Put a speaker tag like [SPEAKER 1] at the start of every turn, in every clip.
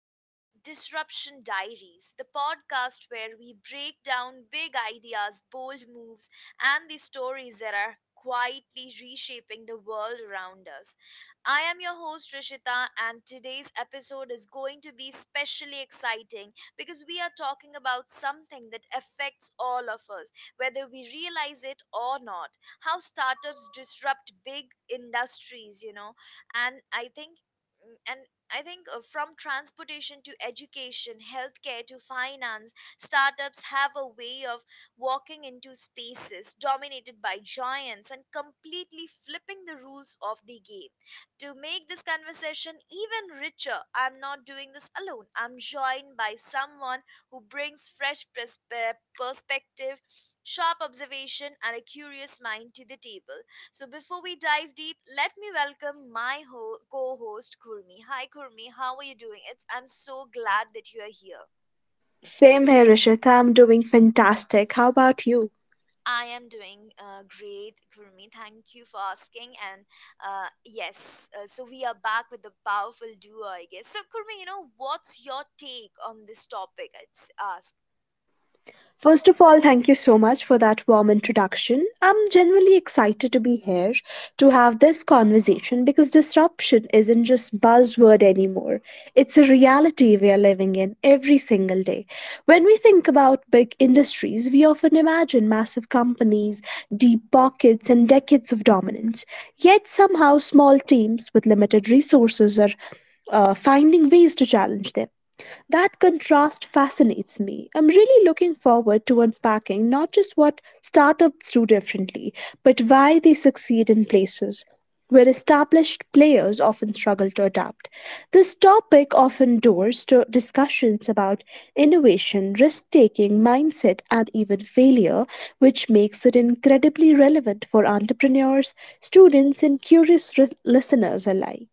[SPEAKER 1] the Disruption Diaries, the podcast where we break down big ideas, bold moves, and the stories that are quietly reshaping the world around us. I am your host, Rishita, and today's episode is going to be especially exciting because we are talking about something that affects all of us, whether we realize it or not. How startups disrupt big industries, you know, and I think. And I think from transportation to education, healthcare to finance, startups have a way of walking into spaces dominated by giants and completely flipping the rules of the game. To make this conversation even richer, I'm not doing this alone. I'm joined by someone who brings perspective, sharp observation, and a curious mind to the table. So before we dive deep, let me welcome my co-host Kurmi. Hi Kurmi, how are you doing? It's I'm so glad that you are here.
[SPEAKER 2] Same here, Rishita. I'm doing fantastic. How about you?
[SPEAKER 1] I am doing great, Kurmi. Thank you for asking. And yes, so we are back with the powerful duo, I guess. So Kurmi, you know what's your take on this topic? It's asked.
[SPEAKER 2] First of all, thank you so much for that warm introduction. I'm genuinely excited to be here to have this conversation because disruption isn't just buzzword anymore. It's a reality we are living in every single day. When we think about big industries, we often imagine massive companies, deep pockets, and decades of dominance. Yet somehow small teams with limited resources are finding ways to challenge them. That contrast fascinates me. I'm really looking forward to unpacking not just what startups do differently, but why they succeed in places where established players often struggle to adapt. This topic often doors to discussions about innovation, risk taking, mindset, and even failure, which makes it incredibly relevant for entrepreneurs, students, and curious listeners alike.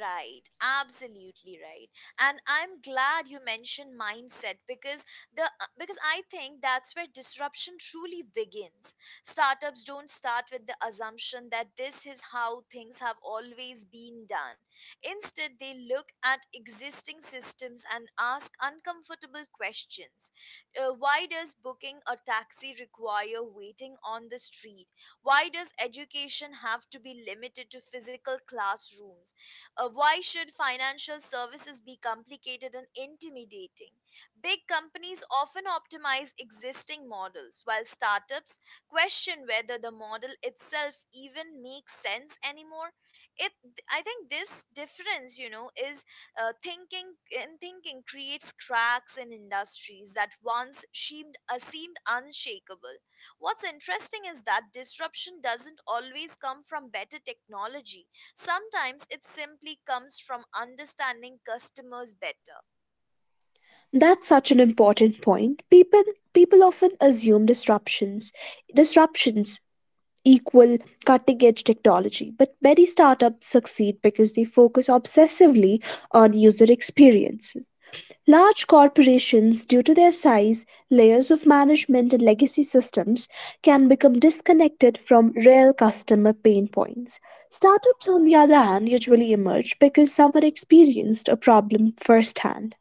[SPEAKER 1] Right, absolutely right. And I'm glad you mentioned mindset because the because I think that's where disruption truly begins. Startups don't start with the assumption that this is how things have always been done. Instead, they look at existing systems and ask uncomfortable questions. Why does booking a taxi require waiting on the street? Why does education have to be limited to physical classrooms? Why should financial services be complicated and intimidating? Big companies often optimize existing models, while startups question whether the model itself even makes sense anymore. It, I think this difference, you know, is thinking creates cracks in industries that once seemed seemed unshakable. What's interesting is that disruption doesn't always come from better technology. Sometimes it simply comes from understanding customers better.
[SPEAKER 2] That's such an important point. People often assume disruptions equal cutting edge technology, but many startups succeed because they focus obsessively on user experience. Large corporations, due to their size, layers of management, and legacy systems, can become disconnected from real customer pain points. Startups, on the other hand, usually emerge because someone experienced a problem firsthand.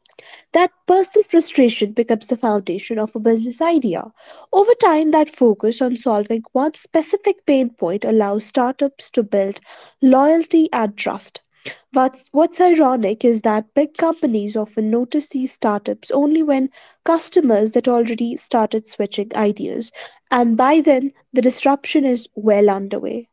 [SPEAKER 2] That personal frustration becomes the foundation of a business idea. Over time, that focus on solving one specific pain point allows startups to build loyalty and trust. What's ironic is that big companies often notice these startups only when customers that already started switching ideas, and by then the disruption is well underway.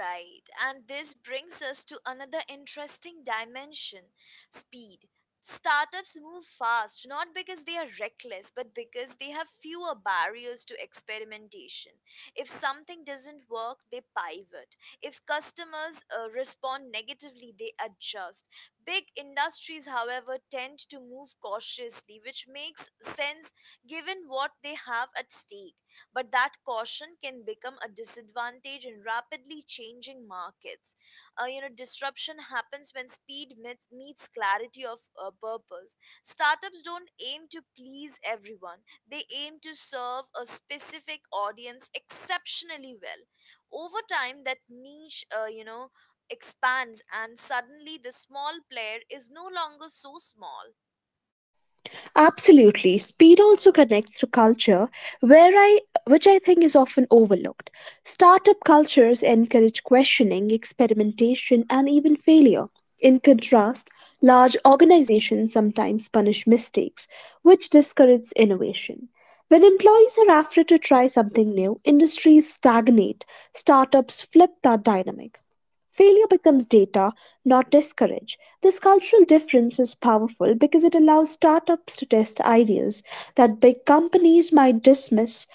[SPEAKER 1] Right, and this brings us to another interesting dimension, speed. Startups move fast not because they are reckless but because they have fewer barriers to experimentation. If something doesn't work, they pivot. If customers respond negatively, they adjust. Big industries, however, tend to move cautiously, which makes sense given what they have at stake. But that caution can become a disadvantage in rapidly changing markets. You know, disruption happens when meets clarity of purpose. Startups don't aim to please everyone, they aim to serve a specific audience exceptionally well. Over time, that niche, you know, expands, and suddenly the small player is no longer so small.
[SPEAKER 2] Absolutely. Speed also connects to culture, where I which I think is often overlooked. Startup cultures encourage questioning, experimentation, and even failure. In contrast, large organizations sometimes punish mistakes, which discourages innovation. When employees are afraid to try something new, industries stagnate. Startups flip that dynamic. Failure becomes data, not discourage. This cultural difference is powerful because it allows startups to test ideas that big companies might dismiss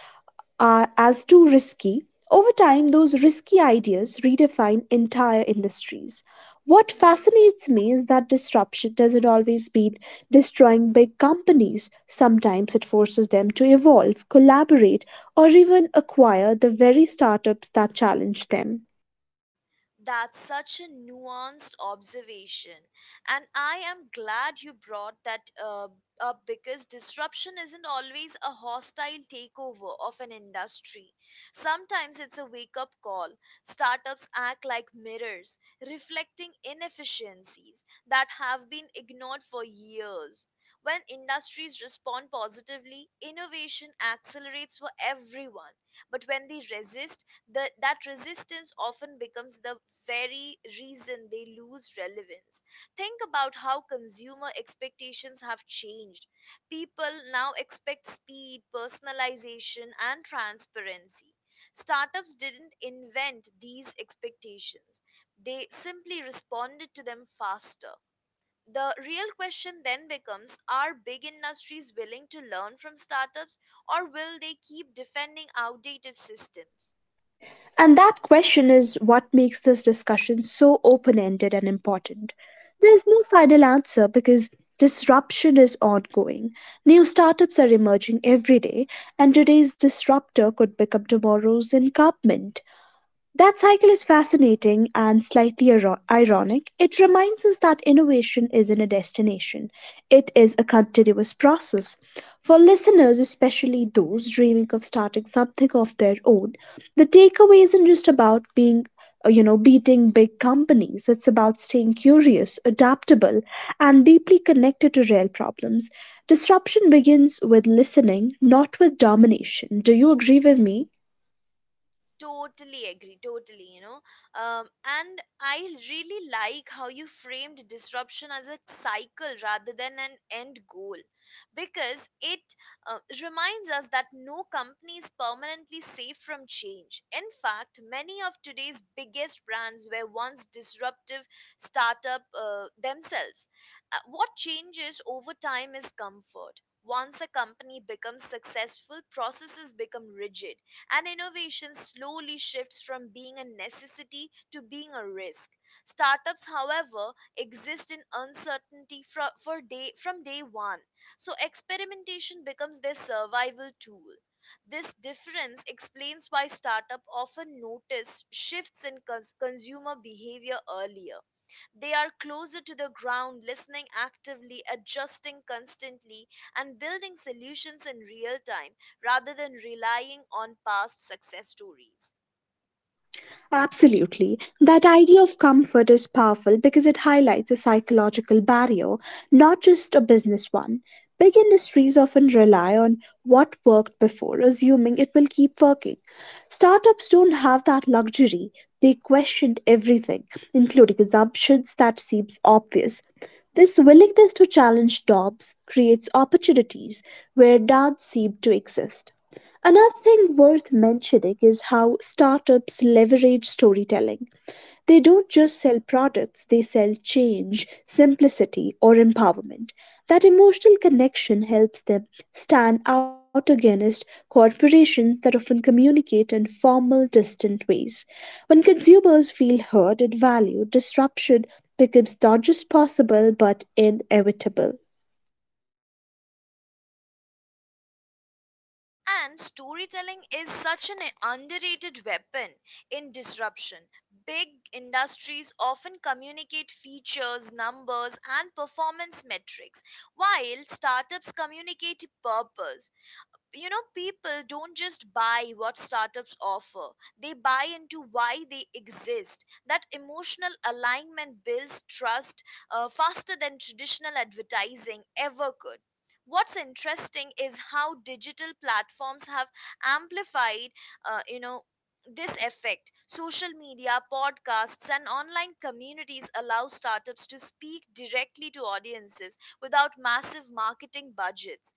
[SPEAKER 2] as too risky. Over time, those risky ideas redefine entire industries. What fascinates me is that disruption doesn't always mean destroying big companies. Sometimes it forces them to evolve, collaborate, or even acquire the very startups that challenge them.
[SPEAKER 1] That's such a nuanced observation. And I am glad you brought that up because disruption isn't always a hostile takeover of an industry. Sometimes it's a wake up call. Startups act like mirrors, reflecting inefficiencies that have been ignored for years. When industries respond positively, innovation accelerates for everyone. But when they resist, that resistance often becomes the very reason they lose relevance. Think about how consumer expectations have changed. People now expect speed, personalization, and transparency. Startups didn't invent these expectations, they simply responded to them faster. The real question then becomes, are big industries willing to learn from startups or will they keep defending outdated systems?
[SPEAKER 2] And that question is what makes this discussion so open ended and important. There's no final answer because disruption is ongoing. New startups are emerging every day, and today's disruptor could become tomorrow's incumbent. That cycle is fascinating and slightly ironic. It reminds us that innovation isn't a destination, it is a continuous process. For listeners, especially those dreaming of starting something of their own, the takeaway isn't just about being beating big companies. It's about staying curious, adaptable, and deeply connected to real problems. Disruption begins with listening, not with domination. Do you agree with me?
[SPEAKER 1] Totally agree, totally, you know. And I really like how you framed disruption as a cycle rather than an end goal because it reminds us that no company is permanently safe from change. In fact, many of today's biggest brands were once disruptive startup themselves. What changes over time is comfort. Once a company becomes successful, processes become rigid and innovation slowly shifts from being a necessity to being a risk. Startups, however, exist in uncertainty from day one, so experimentation becomes their survival tool. This difference explains why startups often notice shifts in consumer behavior earlier. They are closer to the ground, listening actively, adjusting constantly, and building solutions in real time rather than relying on past success stories.
[SPEAKER 2] Absolutely. That idea of comfort is powerful because it highlights a psychological barrier, not just a business one. Big industries often rely on what worked before, assuming it will keep working. Startups don't have that luxury. They question everything, including assumptions that seem obvious. This willingness to challenge norms creates opportunities where none seem to exist. Another thing worth mentioning is how startups leverage storytelling. They don't just sell products, they sell change, simplicity, or empowerment. That emotional connection helps them stand out against corporations that often communicate in formal, distant ways. When consumers feel heard and valued, disruption becomes not just possible but inevitable.
[SPEAKER 1] And storytelling is such an underrated weapon in disruption. Big industries often communicate features, numbers, and performance metrics, while startups communicate purpose. You know, people don't just buy what startups offer, they buy into why they exist. That emotional alignment builds trust faster than traditional advertising ever could. What's interesting is how digital platforms have amplified you know, this effect. Social media, podcasts, and online communities allow startups to speak directly to audiences without massive marketing budgets.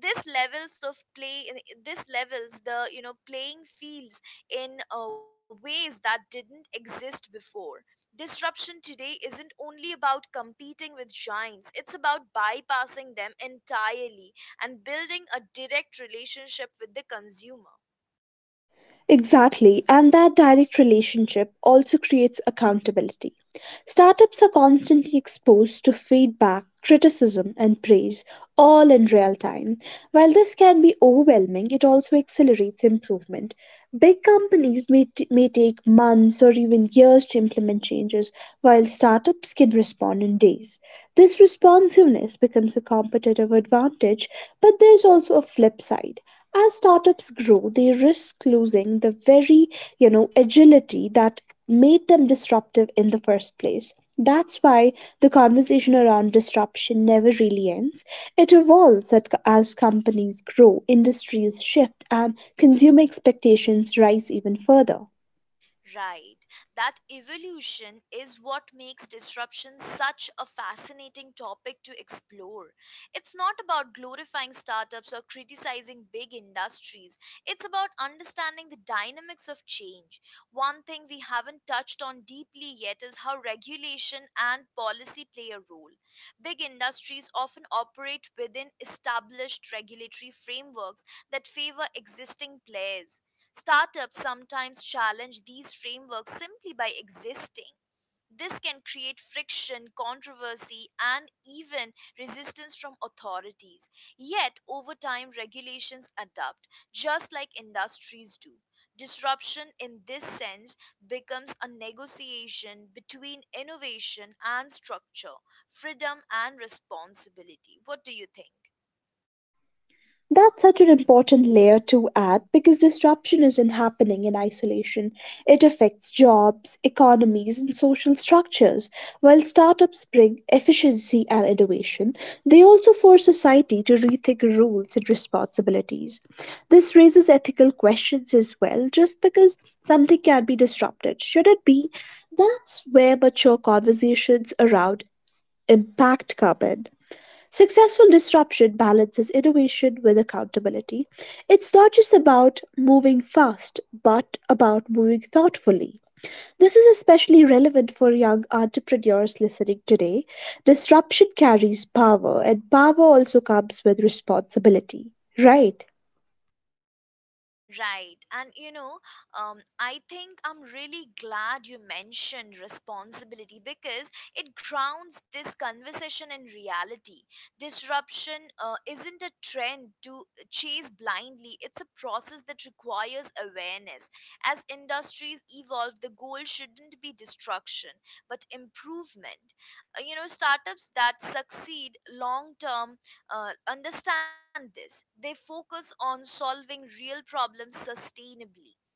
[SPEAKER 1] this levels of play this levels the playing fields in ways that didn't exist before. Disruption today isn't only about competing with giants, it's about bypassing them entirely and building a direct relationship with the consumer.
[SPEAKER 2] Exactly, and that direct relationship also creates accountability. Startups are constantly exposed to feedback, criticism, and praise, all in real time. While this can be overwhelming, it also accelerates improvement. Big companies may, may take months or even years to implement changes, while startups can respond in days. This responsiveness becomes a competitive advantage, but there's also a flip side as startups grow, they risk losing the very, you know, agility that made them disruptive in the first place. That's why the conversation around disruption never really ends. It evolves as companies grow, industries shift, and consumer expectations rise even further.
[SPEAKER 1] Right. That evolution is what makes disruption such a fascinating topic to explore. It's not about glorifying startups or criticizing big industries, it's about understanding the dynamics of change. One thing we haven't touched on deeply yet is how regulation and policy play a role. Big industries often operate within established regulatory frameworks that favor existing players. Startups sometimes challenge these frameworks simply by existing. This can create friction, controversy, and even resistance from authorities. Yet, over time, regulations adapt, just like industries do. Disruption in this sense becomes a negotiation between innovation and structure, freedom and responsibility. What do you think?
[SPEAKER 2] That's such an important layer to add because disruption isn't happening in isolation. It affects jobs, economies, and social structures. While startups bring efficiency and innovation, they also force society to rethink rules and responsibilities. This raises ethical questions as well. Just because something can be disrupted, should it be? That's where mature conversations around impact come in. Successful disruption balances innovation with accountability. It's not just about moving fast, but about moving thoughtfully. This is especially relevant for young entrepreneurs listening today. Disruption carries power, and power also comes with responsibility. Right.
[SPEAKER 1] Right. And you know, I think I'm really glad you mentioned responsibility because it grounds this conversation in reality. Disruption isn't a trend to chase blindly, it's a process that requires awareness. As industries evolve, the goal shouldn't be destruction, but improvement. You know, startups that succeed long term understand this. They focus on solving real problems sustainably,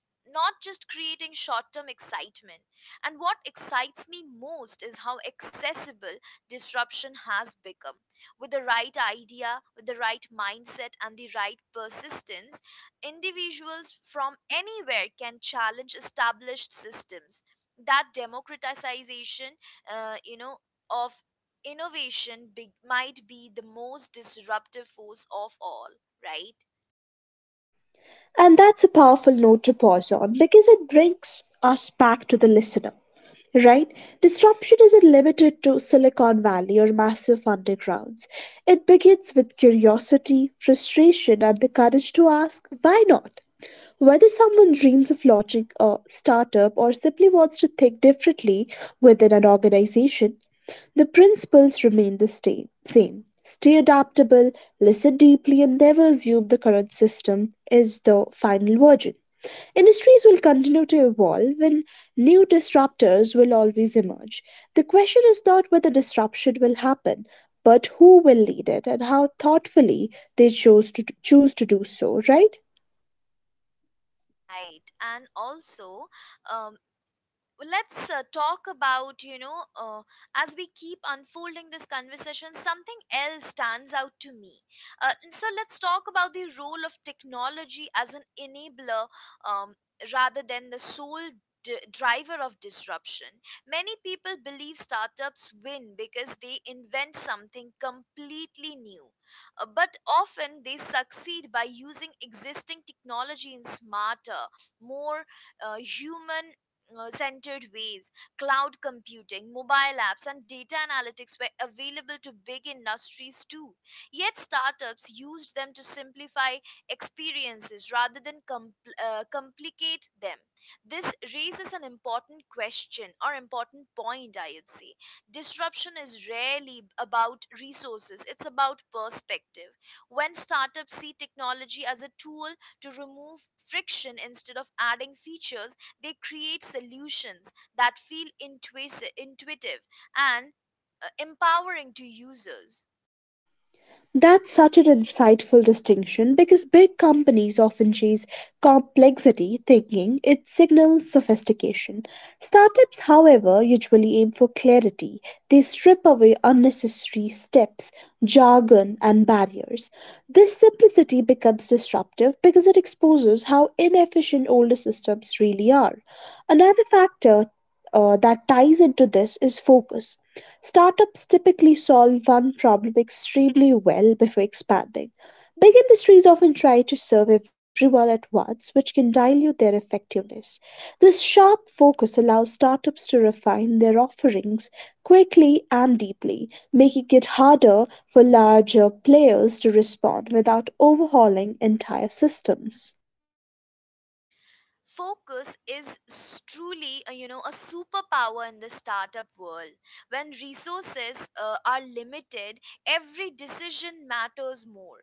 [SPEAKER 1] not just creating short term excitement. And what excites me most is how accessible disruption has become. With the right idea, with the right mindset, and the right persistence, individuals from anywhere can challenge established systems. That democratization, you know, of innovation big, might be the most disruptive force of all. Right,
[SPEAKER 2] And that's a powerful note to pause on because it brings us back to the listener. Right? Disruption isn't limited to Silicon Valley or massive undergrounds. It begins with curiosity, frustration, and the courage to ask, why not? Whether someone dreams of launching a startup or simply wants to think differently within an organization, the principles remain the same. Stay adaptable, listen deeply, and never assume the current system is the final version. Industries will continue to evolve and new disruptors will always emerge. The question is not whether disruption will happen, but who will lead it and how thoughtfully they choose to do so, right?
[SPEAKER 1] right. And also, um, let's talk about, you know, as we keep unfolding this conversation, something else stands out to me. And so let's talk about the role of technology as an enabler, um, rather than the sole driver of disruption. Many people believe startups win because they invent something completely new. But often they succeed by using existing technology in smarter, more human centered ways. Cloud computing, mobile apps, and data analytics were available to big industries too. Yet startups used them to simplify experiences rather than complicate them. This raises an important question or important point, I'd say. Disruption is rarely about resources, it's about perspective. When startups see technology as a tool to remove friction instead of adding features, they create solutions that feel intuitive and empowering to users.
[SPEAKER 2] That's such an insightful distinction because big companies often chase complexity, thinking it signals sophistication. Startups, however, usually aim for clarity. They strip away unnecessary steps, jargon, and barriers. This simplicity becomes disruptive because it exposes how inefficient older systems really are. Another factor that ties into this is focus. Startups typically solve one problem extremely well before expanding. Big industries often try to serve everyone at once, which can dilute their effectiveness. This sharp focus allows startups to refine their offerings quickly and deeply, making it harder for larger players to respond without overhauling entire systems.
[SPEAKER 1] Focus is truly a, you know, a superpower in the startup world. When resources are limited, every decision matters more,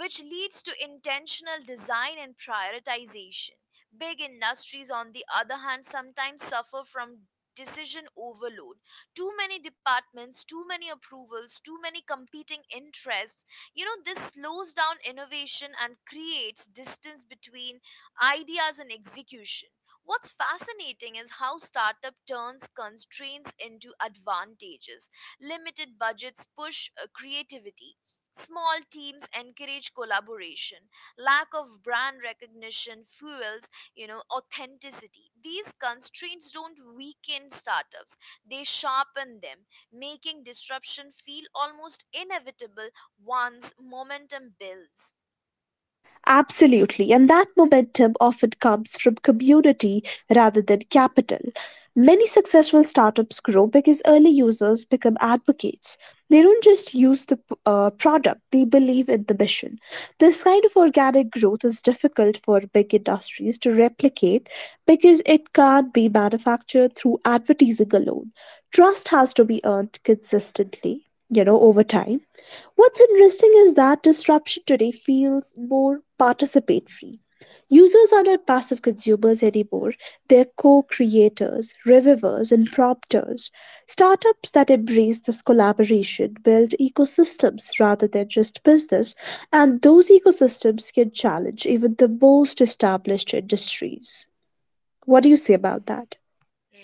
[SPEAKER 1] which leads to intentional design and prioritization. Big industries on the other hand sometimes suffer from decision overload. Too many departments, too many approvals, too many competing interests. You know, this slows down innovation and creates distance between ideas and execution. What's fascinating is how startup turns constraints into advantages. Limited budgets push creativity. Small teams encourage collaboration. Lack of brand recognition fuels, you know, authenticity. These constraints don't weaken startups. They sharpen them, making disruption feel almost inevitable once momentum builds.
[SPEAKER 2] Absolutely, and that momentum often comes from community rather than capital. Many successful startups grow because early users become advocates. They don't just use the product, they believe in the mission. This kind of organic growth is difficult for big industries to replicate because it can't be manufactured through advertising alone. Trust has to be earned consistently, you know, over time. What's interesting is that disruption today feels more participatory. Users are not passive consumers anymore, they're co creators, revivers, and prompters. Startups that embrace this collaboration build ecosystems rather than just business, and those ecosystems can challenge even the most established industries. What do you say about that?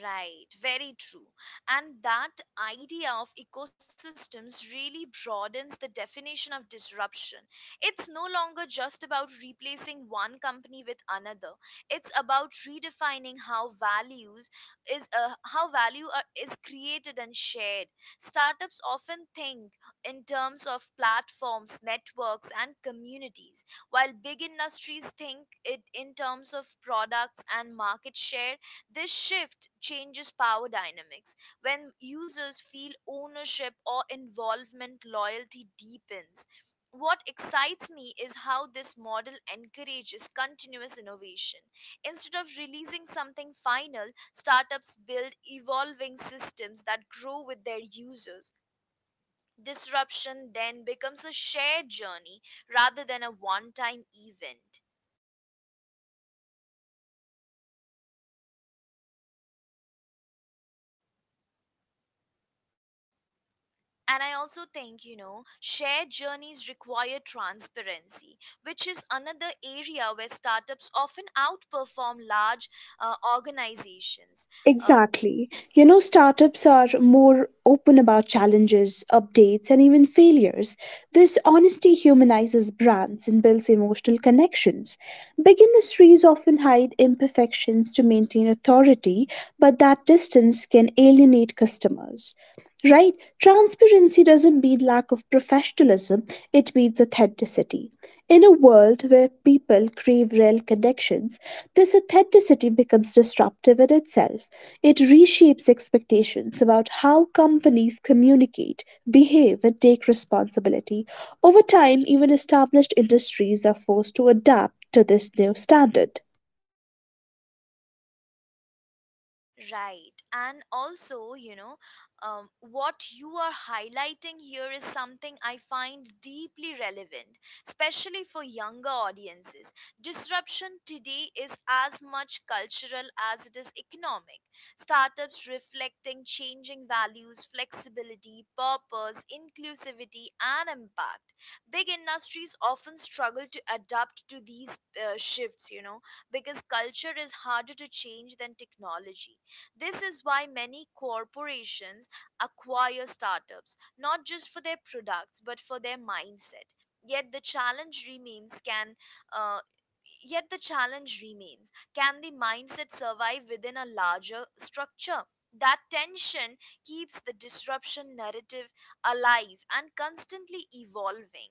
[SPEAKER 1] Right, very true. And that idea of ecosystems really broadens the definition of disruption. It's no longer just about replacing one company with another. It's about redefining how values is how is created and shared. Startups often think in terms of platforms, networks and communities, while big industries think it in terms of products and market share. This shift changes power dynamics. When users feel ownership or involvement, loyalty deepens. What excites me is how this model encourages continuous innovation. Instead of releasing something final, startups build evolving systems that grow with their users. Disruption then becomes a shared journey rather than a one time event. And I also think, you know, shared journeys require transparency, which is another area where startups often outperform large organizations. Uh,
[SPEAKER 2] Exactly. You know, startups are more open about challenges, updates, and even failures. This honesty humanizes brands and builds emotional connections. Big industries often hide imperfections to maintain authority, but that distance can alienate customers. Right? Transparency doesn't mean lack of professionalism, it means authenticity. In a world where people crave real connections, this authenticity becomes disruptive in itself. It reshapes expectations about how companies communicate, behave, and take responsibility. Over time, even established industries are forced to adapt to this new standard.
[SPEAKER 1] Right. And also, you know, what you are highlighting here is something I find deeply relevant, especially for younger audiences. Disruption today is as much cultural as it is economic. Startups reflecting changing values, flexibility, purpose, inclusivity, and impact. Big industries often struggle to adapt to these shifts, you know, because culture is harder to change than technology. This is why many corporations acquire startups, not just for their products, but for their mindset. Yet the challenge remains can uh, Yet the challenge remains, can the mindset survive within a larger structure? That tension keeps the disruption narrative alive and constantly evolving.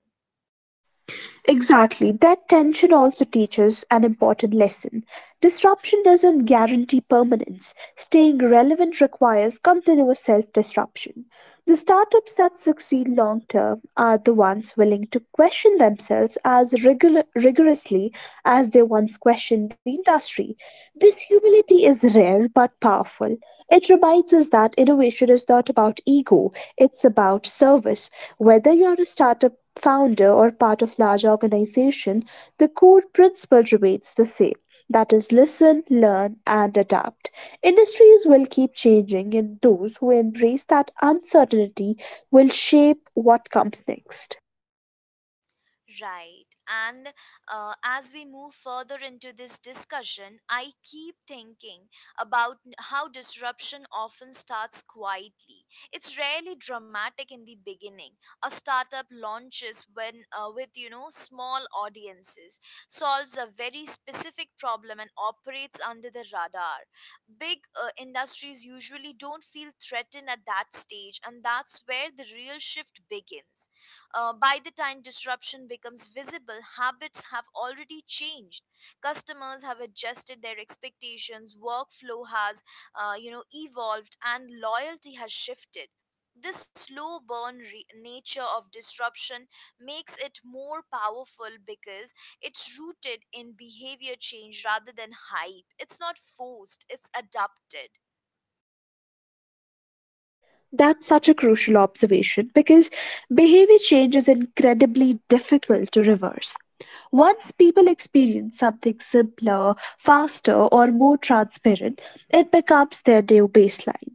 [SPEAKER 2] Exactly. That tension also teaches an important lesson. Disruption doesn't guarantee permanence. Staying relevant requires continuous self disruption. The startups that succeed long term are the ones willing to question themselves as rigorously as they once questioned the industry. This humility is rare but powerful. It reminds us that innovation is not about ego, it's about service. Whether you're a startup founder or part of large organization, the core principle remains the same, that is listen, learn and adapt. Industries will keep changing and those who embrace that uncertainty will shape what comes next.
[SPEAKER 1] Right. And As we move further into this discussion, I keep thinking about how disruption often starts quietly. It's rarely dramatic in the beginning. A startup launches when with small audiences, solves a very specific problem and operates under the radar. Big industries usually don't feel threatened at that stage, and that's where the real shift begins. By the time disruption becomes visible, habits have already changed. Customers have adjusted their expectations, workflow has, evolved, and loyalty has shifted. This slow burn nature of disruption makes it more powerful because it's rooted in behavior change rather than hype. It's not forced, it's adapted.
[SPEAKER 2] That's such a crucial observation because behavior change is incredibly difficult to reverse. Once people experience something simpler, faster, or more transparent, it becomes their new baseline.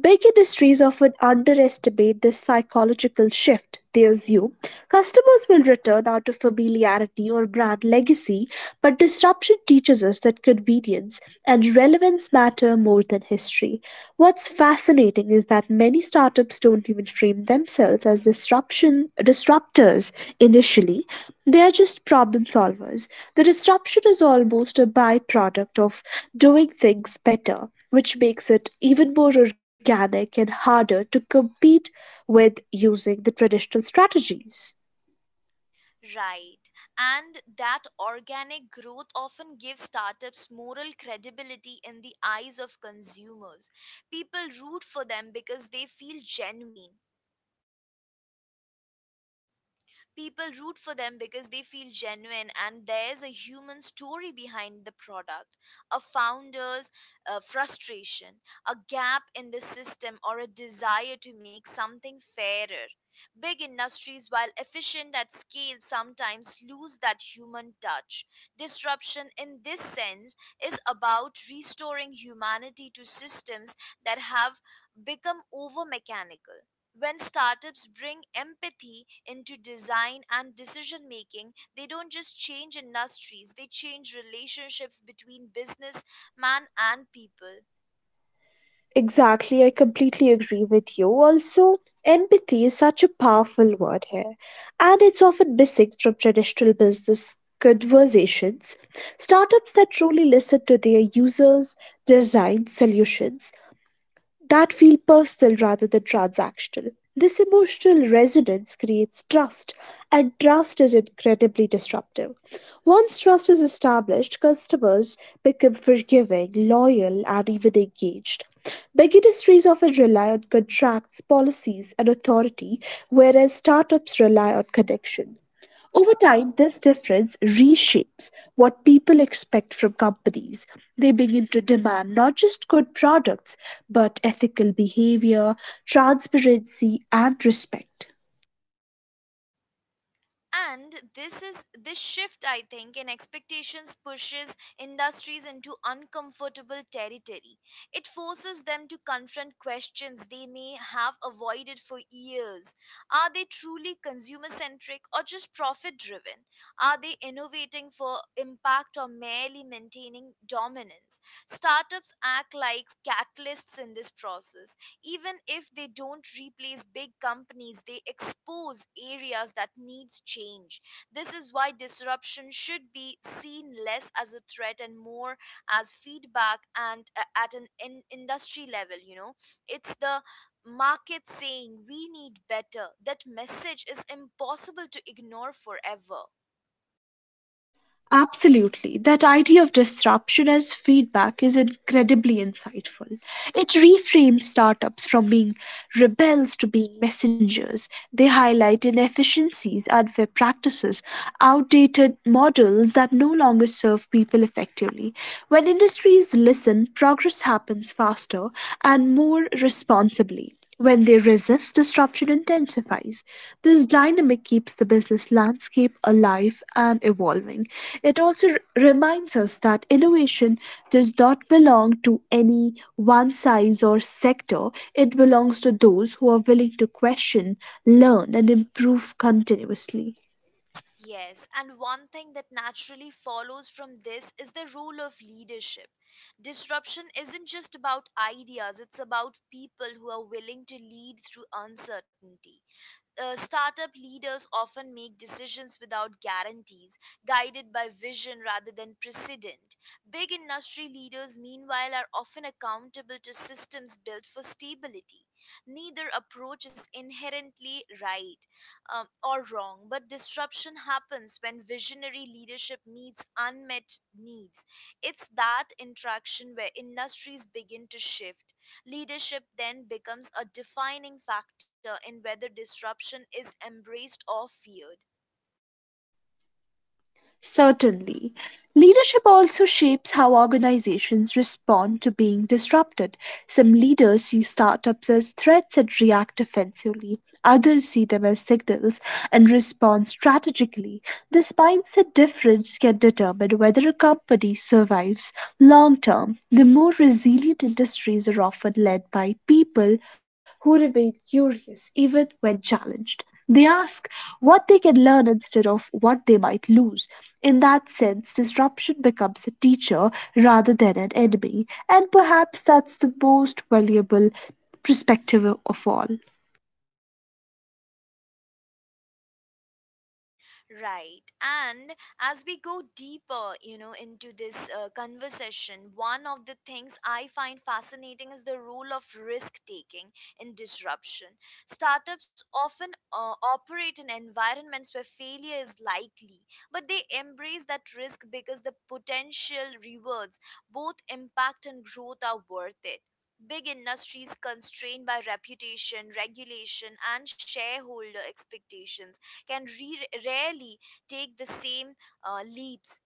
[SPEAKER 2] Big industries often underestimate this psychological shift. They assume customers will return out of familiarity or brand legacy, but disruption teaches us that convenience and relevance matter more than history. What's fascinating is that many startups don't even frame themselves as disruption disruptors initially. They're just problem solvers. The disruption is almost a byproduct of doing things better, which makes it even more organic and harder to compete with using the traditional strategies.
[SPEAKER 1] Right. And that organic growth often gives startups moral credibility in the eyes of consumers. People root for them because they feel genuine. People root for them because they feel genuine and there's a human story behind the product, a founder's frustration, a gap in the system, or a desire to make something fairer. Big industries, while efficient at scale, sometimes lose that human touch. Disruption, in this sense, is about restoring humanity to systems that have become over mechanical. When startups bring empathy into design and decision making, they don't just change industries, they change relationships between business man and people.
[SPEAKER 2] Exactly, I completely agree with you. Also, empathy is such a powerful word here, and it's often missing from traditional business conversations. Startups that truly listen to their users design solutions that feel personal rather than transactional. This emotional resonance creates trust, and trust is incredibly disruptive. Once trust is established, customers become forgiving, loyal, and even engaged. Big industries often rely on contracts, policies, and authority, whereas startups rely on connection. Over time, this difference reshapes what people expect from companies. They begin to demand not just good products, but ethical behavior, transparency, and respect.
[SPEAKER 1] And this shift, I think, in expectations pushes industries into uncomfortable territory. It forces them to confront questions they may have avoided for years. Are they truly consumer centric or just profit driven? Are they innovating for impact or merely maintaining dominance? Startups act like catalysts in this process. Even if they don't replace big companies, they expose areas that needs change. This is why disruption should be seen less as a threat and more as feedback, and at an industry level, It's the market saying we need better. That message is impossible to ignore forever.
[SPEAKER 2] Absolutely. That idea of disruption as feedback is incredibly insightful. It reframes startups from being rebels to being messengers. They highlight inefficiencies, unfair practices, outdated models that no longer serve people effectively. When industries listen, progress happens faster and more responsibly. When they resist, disruption intensifies. This dynamic keeps the business landscape alive and evolving. It also reminds us that innovation does not belong to any one size or sector, it belongs to those who are willing to question, learn, and improve continuously.
[SPEAKER 1] Yes, and one thing that naturally follows from this is the role of leadership. Disruption isn't just about ideas, it's about people who are willing to lead through uncertainty. Startup leaders often make decisions without guarantees, guided by vision rather than precedent. Big industry leaders, meanwhile, are often accountable to systems built for stability. Neither approach is inherently right or wrong, but disruption happens when visionary leadership meets unmet needs. It's that interaction where industries begin to shift. Leadership then becomes a defining factor in whether disruption is embraced or feared.
[SPEAKER 2] Certainly. Leadership also shapes how organizations respond to being disrupted. Some leaders see startups as threats and react defensively. Others see them as signals and respond strategically. This mindset difference can determine whether a company survives long term. The more resilient industries are often led by people who remain curious even when challenged. They ask what they can learn instead of what they might lose. In that sense, disruption becomes a teacher rather than an enemy, and perhaps that's the most valuable perspective of all.
[SPEAKER 1] Right. And as we go deeper, into this conversation, one of the things I find fascinating is the role of risk taking in disruption. Startups often operate in environments where failure is likely, but they embrace that risk because the potential rewards, both impact and growth, are worth it. Big industries, constrained by reputation, regulation, and shareholder expectations, can rarely take the same leaps.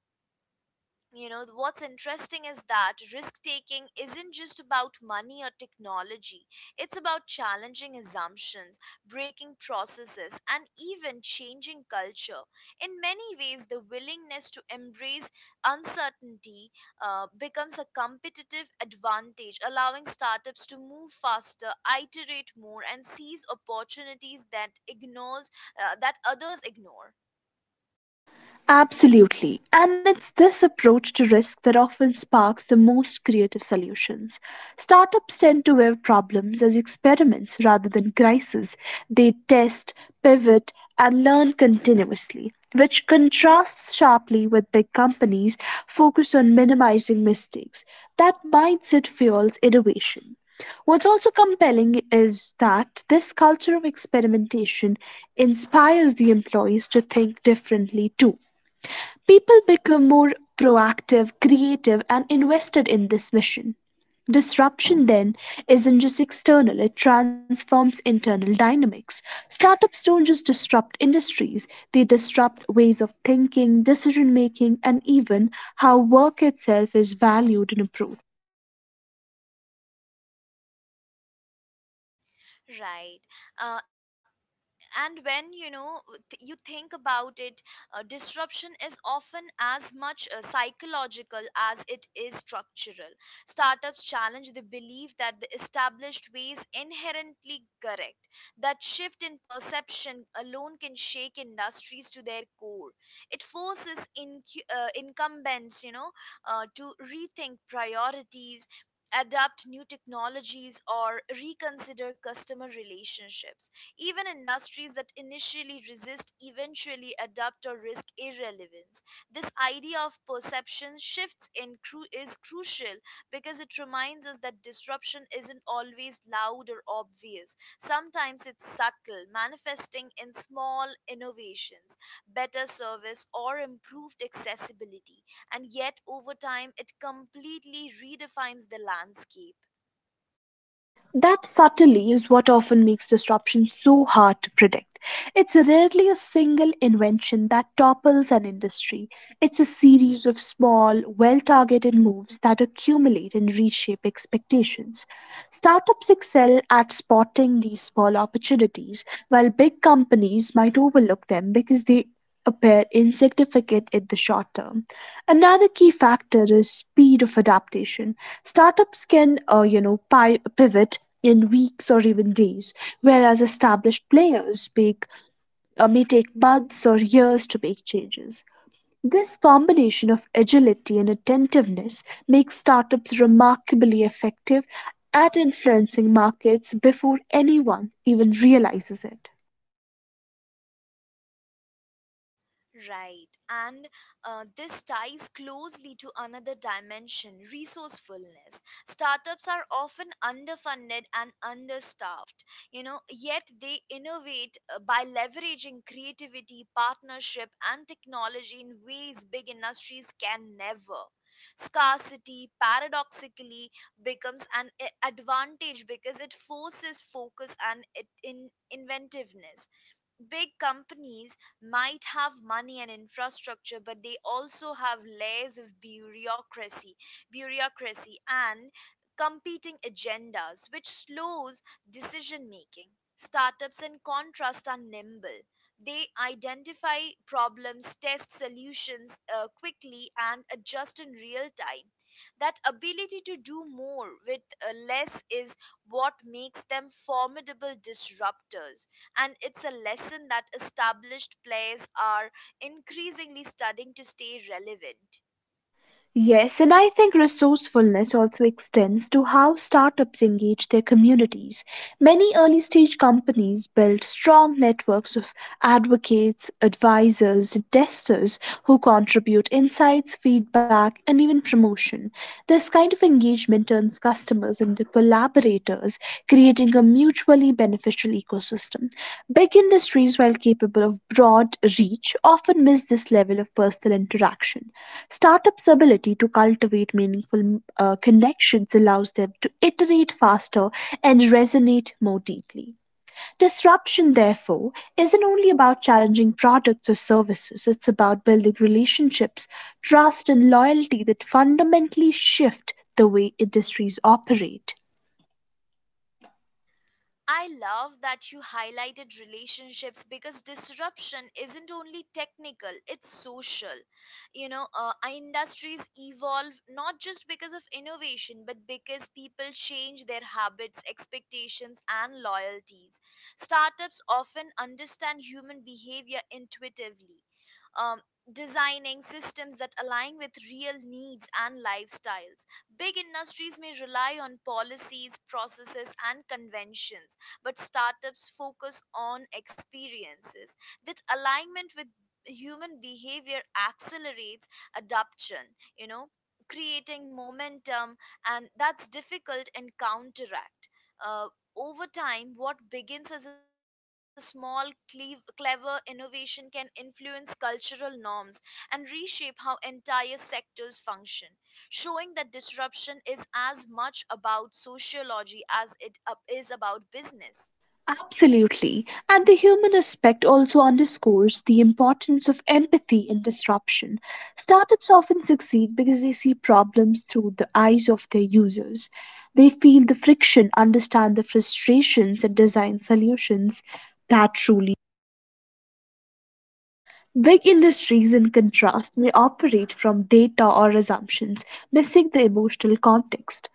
[SPEAKER 1] What's interesting is that risk taking isn't just about money or technology, it's about challenging assumptions, breaking processes, and even changing culture. In many ways, the willingness to embrace uncertainty becomes a competitive advantage, allowing startups to move faster, iterate more, and seize opportunities that ignores that others ignore.
[SPEAKER 2] Absolutely. And it's this approach to risk that often sparks the most creative solutions. Startups tend to view problems as experiments rather than crises. They test, pivot, and learn continuously, which contrasts sharply with big companies focused on minimizing mistakes. That mindset fuels innovation. What's also compelling is that this culture of experimentation inspires the employees to think differently too. People become more proactive, creative, and invested in this mission. Disruption then isn't just external, it transforms internal dynamics. Startups don't just disrupt industries, they disrupt ways of thinking, decision making, and even how work itself is valued and approached.
[SPEAKER 1] Right. Uh, and when you think about it, disruption is often as much psychological as it is structural. Startups challenge the belief that the established way is inherently correct. That shift in perception alone can shake industries to their core. It forces incumbents, to rethink priorities, adapt new technologies, or reconsider customer relationships. Even industries that initially resist eventually adapt or risk irrelevance. This idea of perception shifts is crucial because it reminds us that disruption isn't always loud or obvious. Sometimes it's subtle, manifesting in small innovations, better service, or improved accessibility. And yet, over time, it completely redefines the landscape.
[SPEAKER 2] That subtlety is what often makes disruption so hard to predict. It's rarely a single invention that topples an industry. It's a series of small, well targeted moves that accumulate and reshape expectations. Startups excel at spotting these small opportunities, while big companies might overlook them because they appear insignificant in the short term. Another key factor is speed of adaptation. Startups can, pivot in weeks or even days, whereas established players may take months or years to make changes. This combination of agility and attentiveness makes startups remarkably effective at influencing markets before anyone even realizes it.
[SPEAKER 1] Right. And this ties closely to another dimension: resourcefulness. Startups are often underfunded and understaffed, yet they innovate by leveraging creativity, partnership, and technology in ways big industries can never. Scarcity, paradoxically, becomes an advantage because it forces focus and it in inventiveness. Big companies might have money and infrastructure, but they also have layers of bureaucracy and competing agendas, which slows decision making. Startups, in contrast, are nimble. They identify problems, test solutions quickly, and adjust in real time. That ability to do more with less is what makes them formidable disruptors, and it's a lesson that established players are increasingly studying to stay relevant.
[SPEAKER 2] Yes, and I think resourcefulness also extends to how startups engage their communities. Many early stage companies build strong networks of advocates, advisors, and testers who contribute insights, feedback, and even promotion. This kind of engagement turns customers into collaborators, creating a mutually beneficial ecosystem. Big industries, while capable of broad reach, often miss this level of personal interaction. Startups' ability to cultivate meaningful connections allows them to iterate faster and resonate more deeply. Disruption, therefore, isn't only about challenging products or services, it's about building relationships, trust, and loyalty that fundamentally shift the way industries operate.
[SPEAKER 1] I love that you highlighted relationships because disruption isn't only technical, it's social. Our industries evolve not just because of innovation, but because people change their habits, expectations, and loyalties. Startups often understand human behavior intuitively. Um, Designing systems that align with real needs and lifestyles. Big industries may rely on policies, processes, and conventions, but startups focus on experiences. That alignment with human behavior accelerates adoption, creating momentum, and that's difficult and counteract. Uh, Over time, what begins as a small, clever innovation can influence cultural norms and reshape how entire sectors function, showing that disruption is as much about sociology as it is about business.
[SPEAKER 2] Absolutely. And the human aspect also underscores the importance of empathy in disruption. Startups often succeed because they see problems through the eyes of their users. They feel the friction, understand the frustrations, and design solutions that truly Big industries, in contrast, may operate from data or assumptions, missing the emotional context.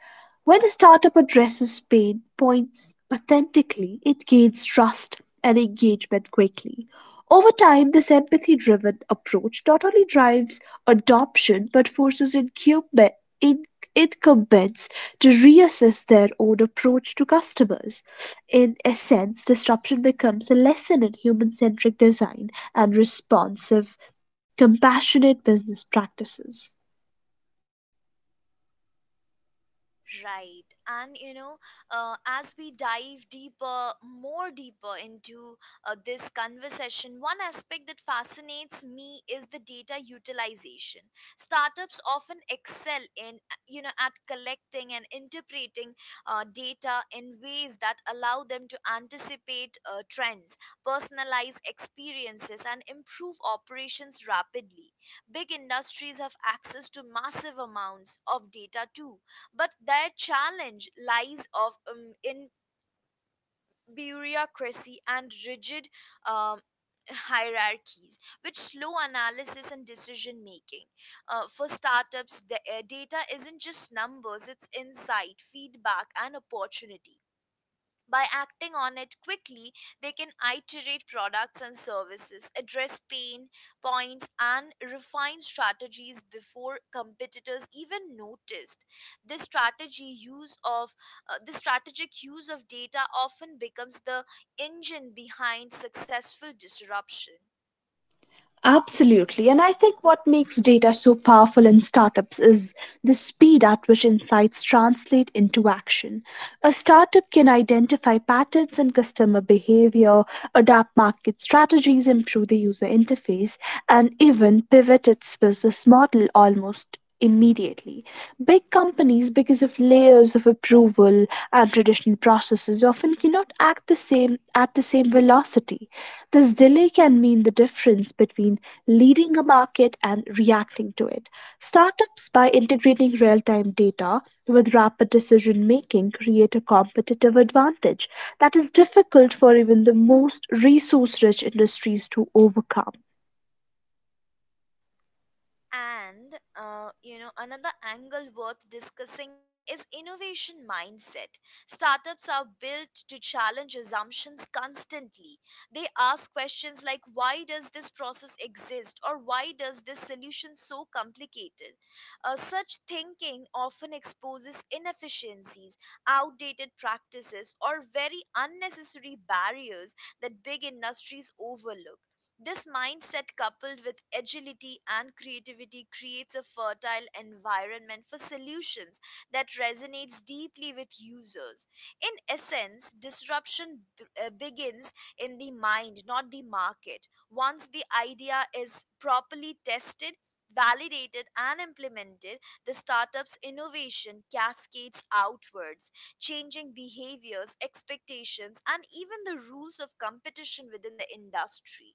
[SPEAKER 2] When a startup addresses pain points authentically, it gains trust and engagement quickly. Over time, this empathy driven approach not only drives adoption but forces in- incumbents to reassess their own approach to customers. In essence, disruption becomes a lesson in human centric design and responsive, compassionate business practices.
[SPEAKER 1] Right. And as we dive deeper, more deeper into this conversation, one aspect that fascinates me is the data utilization. Startups often excel in, at collecting and interpreting data in ways that allow them to anticipate trends, personalize experiences, and improve operations rapidly. Big industries have access to massive amounts of data too, but their challenge lies of in bureaucracy and rigid um, hierarchies, which slow analysis and decision making. For startups, the data isn't just numbers; it's insight, feedback, and opportunity. By acting on it quickly, they can iterate products and services, address pain points, and refine strategies before competitors even noticed. This strategy use of this strategic use of data often becomes the engine behind successful disruption.
[SPEAKER 2] Absolutely. And I think what makes data so powerful in startups is the speed at which insights translate into action. A startup can identify patterns in customer behavior, adapt market strategies, improve the user interface, and even pivot its business model almost immediately. Big companies, because of layers of approval and traditional processes, often cannot act the same at the same velocity. This delay can mean the difference between leading a market and reacting to it. Startups, by integrating real-time data with rapid decision making, create a competitive advantage that is difficult for even the most resource-rich industries to overcome.
[SPEAKER 1] And another angle worth discussing is innovation mindset. Startups are built to challenge assumptions constantly. They ask questions like why does this process exist, or why does this solution so complicated. Such thinking often exposes inefficiencies, outdated practices, or very unnecessary barriers that big industries overlook. This mindset, coupled with agility and creativity, creates a fertile environment for solutions that resonates deeply with users. In essence, disruption begins in the mind, not the market. Once the idea is properly tested, validated, and implemented, the startup's innovation cascades outwards, changing behaviors, expectations, and even the rules of competition within the industry.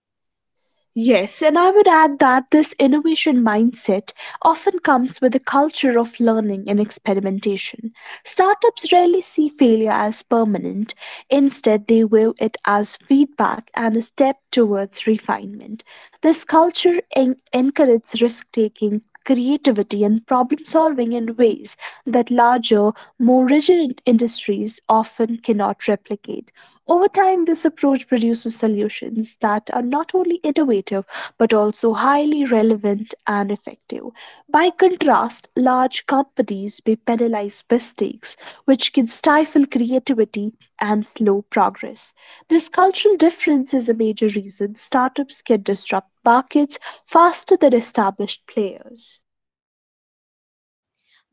[SPEAKER 2] Yes, and I would add that this innovation mindset often comes with a culture of learning and experimentation. Startups rarely see failure as permanent, instead, they view it as feedback and a step towards refinement. This culture encourages risk taking. Creativity and problem solving in ways that larger, more rigid industries often cannot replicate. Over time, this approach produces solutions that are not only innovative but also highly relevant and effective. By contrast, large companies may penalize mistakes, which can stifle creativity and slow progress. This cultural difference is a major reason startups can disrupt markets faster than established players.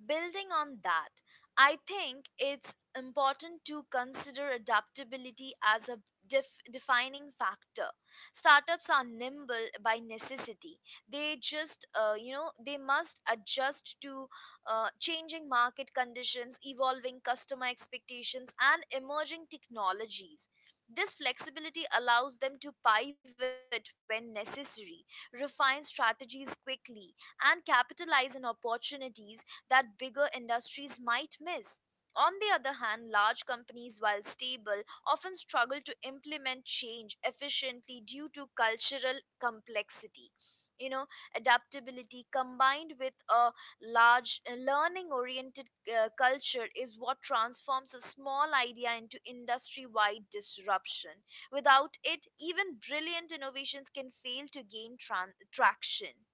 [SPEAKER 1] Building on that, I think it's important to consider adaptability as a defining factor. Startups are nimble by necessity. They just, you know, they must adjust to changing market conditions, evolving customer expectations, and emerging technologies. This flexibility allows them to pivot when necessary, refine strategies quickly, and capitalize on opportunities that bigger industries might miss. On the other hand, large companies, while stable, often struggle to implement change efficiently due to cultural complexity. You know, Adaptability combined with a large learning oriented culture is what transforms a small idea into industry wide disruption. Without it, even brilliant innovations can fail to gain traction.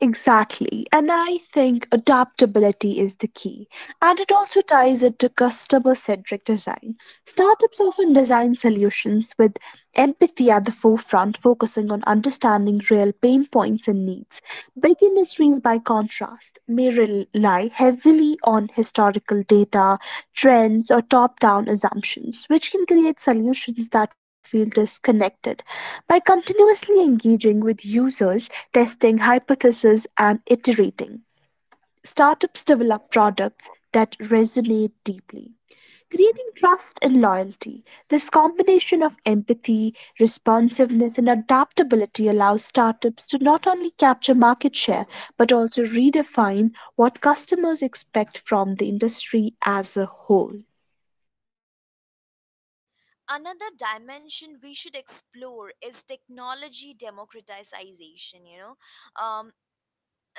[SPEAKER 2] Exactly, and I think adaptability is the key. And it also ties it to customer centric design. Startups often design solutions with empathy at the forefront, focusing on understanding real pain points and needs. Big industries, by contrast, may rely heavily on historical data, trends, or top down assumptions, which can create solutions that feel disconnected. By continuously engaging with users, testing hypotheses, and iterating, startups develop products that resonate deeply, creating trust and loyalty. This combination of empathy, responsiveness, and adaptability allows startups to not only capture market share but also redefine what customers expect from the industry as a whole.
[SPEAKER 1] Another dimension we should explore is technology democratization. Um,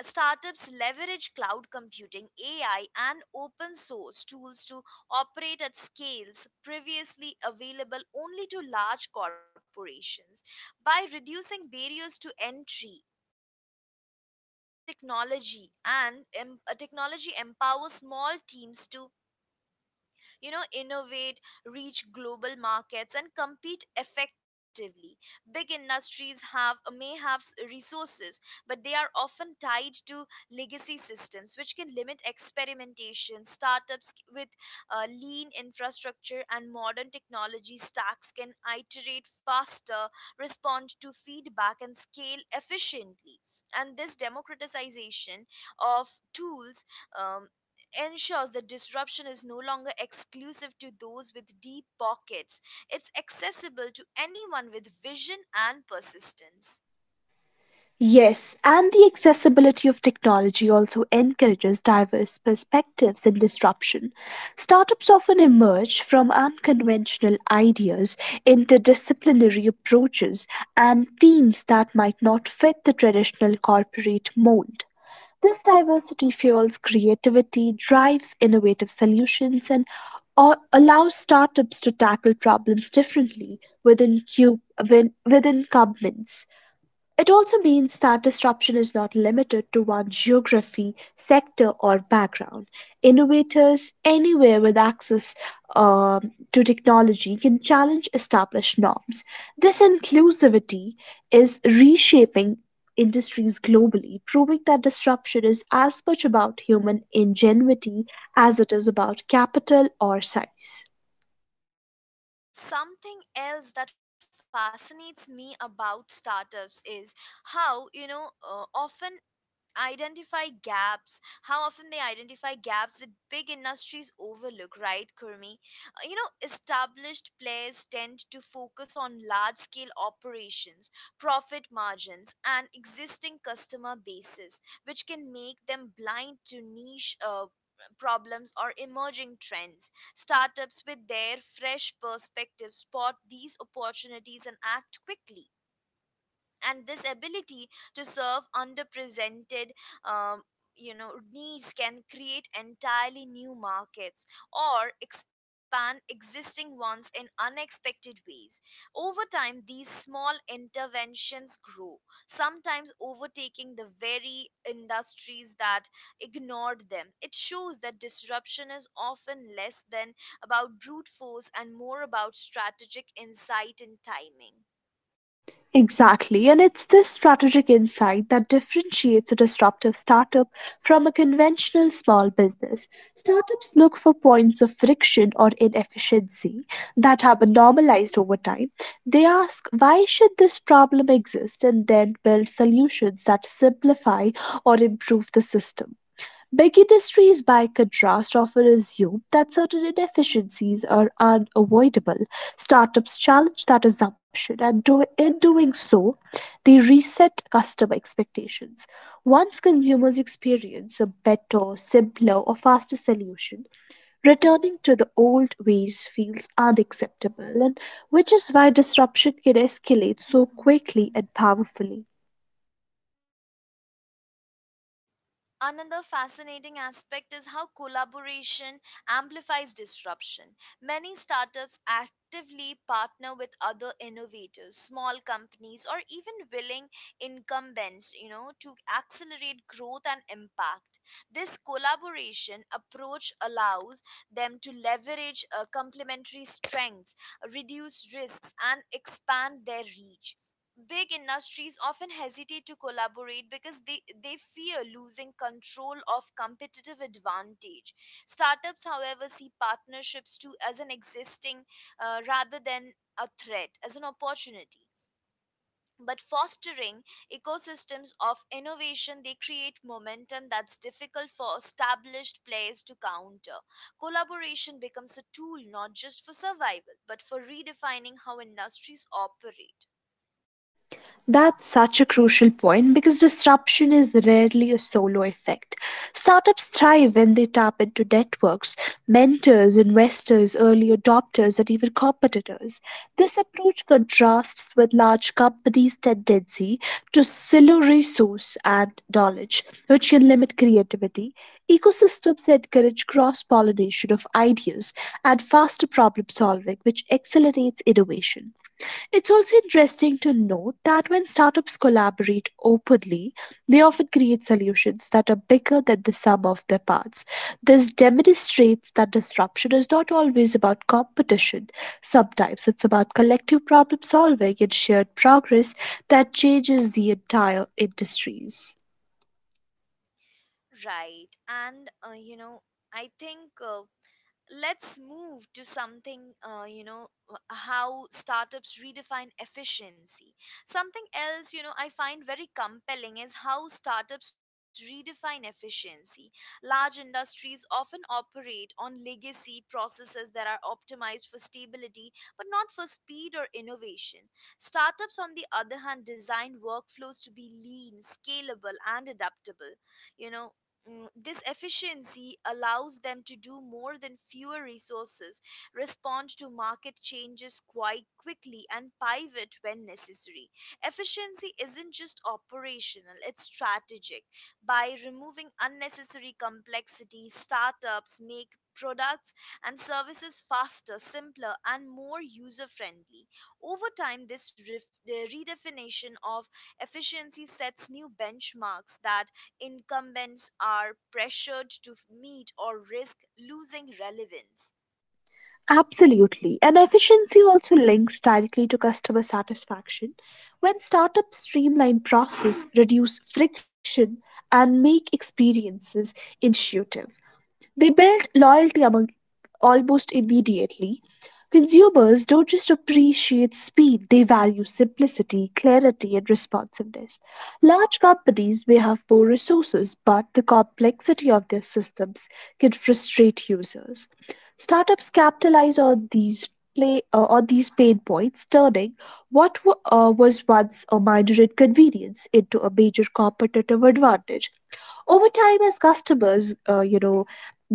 [SPEAKER 1] Startups leverage cloud computing, AI, and open source tools to operate at scales previously available only to large corporations. By reducing barriers to entry, technology empowers small teams to innovate, reach global markets, and compete effectively. Big industries have may have resources, but they are often tied to legacy systems, which can limit experimentation. Startups, with lean infrastructure and modern technology stacks, can iterate faster, respond to feedback, and scale efficiently. And this democratization of tools um, ensures that disruption is no longer exclusive to those with deep pockets. It's accessible to anyone with vision and persistence.
[SPEAKER 2] Yes, and the accessibility of technology also encourages diverse perspectives and disruption. Startups often emerge from unconventional ideas, interdisciplinary approaches, and teams that might not fit the traditional corporate mold. This diversity fuels creativity, drives innovative solutions, and or allows startups to tackle problems differently within governments. It also means that disruption is not limited to one geography, sector, or background. Innovators anywhere with access to technology can challenge established norms. This inclusivity is reshaping industries globally, proving that disruption is as much about human ingenuity as it is about capital or size.
[SPEAKER 1] Something else that fascinates me about startups is how, you know, uh, often how often they identify gaps that big industries overlook, right kurmi. Established players tend to focus on large scale operations, profit margins, and existing customer bases, which can make them blind to niche problems or emerging trends. Startups, with their fresh perspectives, spot these opportunities and act quickly. And this ability to serve underrepresented um, needs can create entirely new markets or expand existing ones in unexpected ways. Over time, these small interventions grow, sometimes overtaking the very industries that ignored them. It shows that disruption is often less than about brute force and more about strategic insight and timing.
[SPEAKER 2] Exactly, and it's this strategic insight that differentiates a disruptive startup from a conventional small business. Startups look for points of friction or inefficiency that have been normalized over time. They ask, why should this problem exist, and then build solutions that simplify or improve the system. Big industries, by contrast, often assume that certain inefficiencies are unavoidable. Startups challenge that assumption, and in doing so, they reset customer expectations. Once consumers experience a better, simpler, or faster solution, returning to the old ways feels unacceptable, and which is why disruption can escalate so quickly and powerfully.
[SPEAKER 1] Another fascinating aspect is how collaboration amplifies disruption. Many startups actively partner with other innovators, small companies, or even willing incumbents, to accelerate growth and impact. This collaboration approach allows them to leverage complementary strengths, reduce risks, and expand their reach. Big industries often hesitate to collaborate because they fear losing control of competitive advantage. Startups, however, see partnerships too as an existing, rather than a threat, as an opportunity. But fostering ecosystems of innovation, they create momentum that's difficult for established players to counter. Collaboration becomes a tool not just for survival, but for redefining how industries operate.
[SPEAKER 2] That's such a crucial point because disruption is rarely a solo effect. Startups thrive when they tap into networks, mentors, investors, early adopters, and even competitors. This approach contrasts with large companies' tendency to silo resource and knowledge, which can limit creativity. Ecosystems encourage cross pollination of ideas and faster problem solving, which accelerates innovation. It's also interesting to note that when startups collaborate openly, they often create solutions that are bigger than the sum of their parts. This demonstrates that disruption is not always about competition. Sometimes it's about collective problem solving and shared progress that changes the entire industries.
[SPEAKER 1] Right. I think, let's move to something, how startups redefine efficiency. Something else, I find very compelling is how startups redefine efficiency. Large industries often operate on legacy processes that are optimized for stability, but not for speed or innovation. Startups, on the other hand, design workflows to be lean, scalable, and adaptable you know This efficiency allows them to do more than fewer resources, respond to market changes quite quickly, and pivot when necessary. Efficiency isn't just operational, it's strategic. By removing unnecessary complexity, startups make products and services faster, simpler, and more user friendly. Over time, this redefinition of efficiency sets new benchmarks that incumbents are pressured to meet or risk losing relevance.
[SPEAKER 2] Absolutely. And efficiency also links directly to customer satisfaction. When startups streamline process, reduce friction, and make experiences intuitive, they built loyalty among almost immediately. Consumers don't just appreciate speed, they value simplicity, clarity, and responsiveness. Large companies may have more resources, but the complexity of their systems can frustrate users. Startups capitalize on these play on these pain points, turning was once a minor inconvenience into a major competitive advantage over time as customers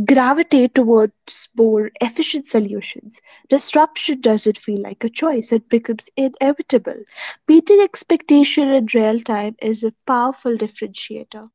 [SPEAKER 2] gravitate towards more efficient solutions. Disruption doesn't feel like a choice, it becomes inevitable. Meeting expectation in real time is a powerful differentiator.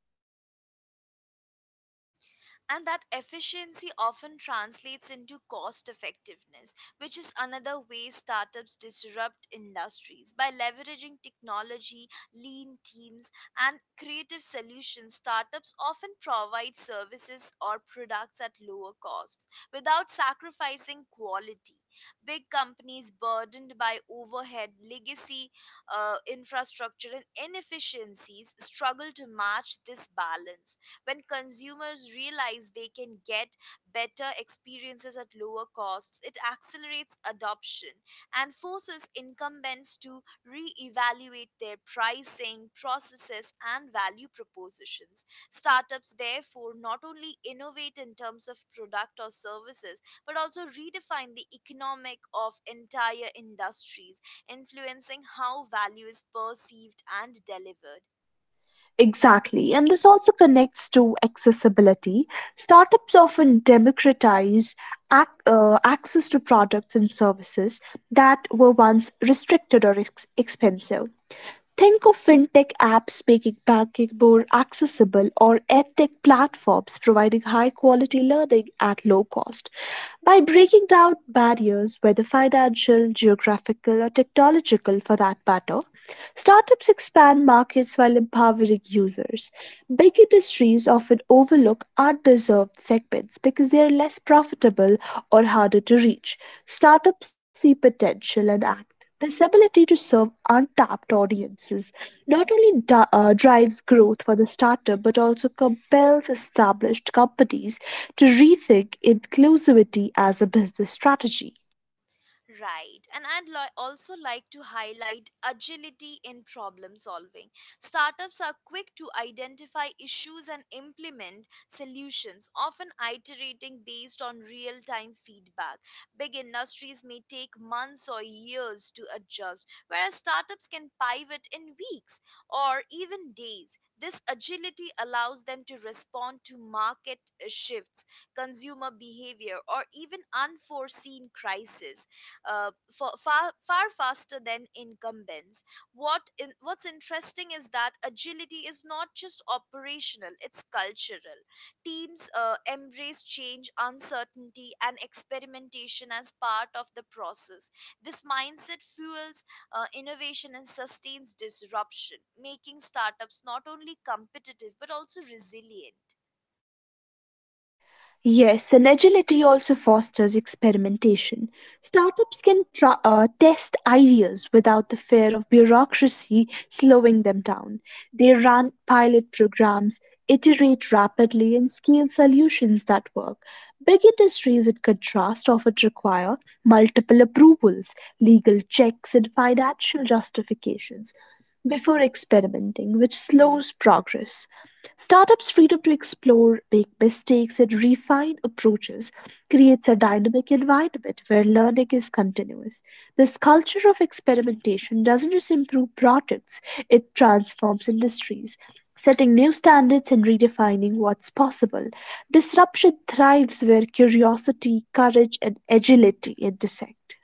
[SPEAKER 1] And that efficiency often translates into cost effectiveness, which is another way startups disrupt industries by leveraging technology, lean teams, and creative solutions. Startups often provide services or products at lower costs without sacrificing quality. Big companies burdened by overhead, legacy infrastructure, and inefficiencies struggle to match this balance when consumers realize they can get better experiences at lower costs. It accelerates adoption and forces incumbents to re-evaluate their pricing processes and value propositions. Startups therefore not only innovate in terms of product or services but also redefine the economic of entire industries, influencing how value is perceived and delivered.
[SPEAKER 2] Exactly, and this also connects to accessibility. Startups often democratize access to products and services that were once restricted or expensive. Think of fintech apps making banking more accessible or edtech platforms providing high quality learning at low cost. By breaking down barriers, whether financial, geographical, or technological for that matter, startups expand markets while empowering users. Big industries often overlook undeserved segments because they are less profitable or harder to reach. Startups see potential and act. This ability to serve untapped audiences not only drives growth for the startup but also compels established companies to rethink inclusivity as a business strategy.
[SPEAKER 1] Right. And also like to highlight agility in problem solving. Startups are quick to identify issues and implement solutions, often iterating based on real time feedback. Big industries may take months or years to adjust, whereas startups can pivot in weeks or even days. This agility allows them to respond to market shifts, consumer behavior, or even unforeseen crises far faster than incumbents. What's interesting is that agility is not just operational; it's cultural. Teams embrace change, uncertainty, and experimentation as part of the process. This mindset fuels innovation and sustains disruption, making startups not only competitive but also resilient.
[SPEAKER 2] Yes, and agility also fosters experimentation. Startups can test ideas without the fear of bureaucracy slowing them down. They run pilot programs, iterate rapidly, and scale solutions that work. Big industries, in contrast, often require multiple approvals, legal checks, and financial justifications before experimenting, which slows progress. Startups' freedom to explore, make mistakes, and refine approaches creates a dynamic environment where learning is continuous. This culture of experimentation doesn't just improve products, it transforms industries, setting new standards and redefining what's possible. Disruption thrives where curiosity, courage, and agility intersect.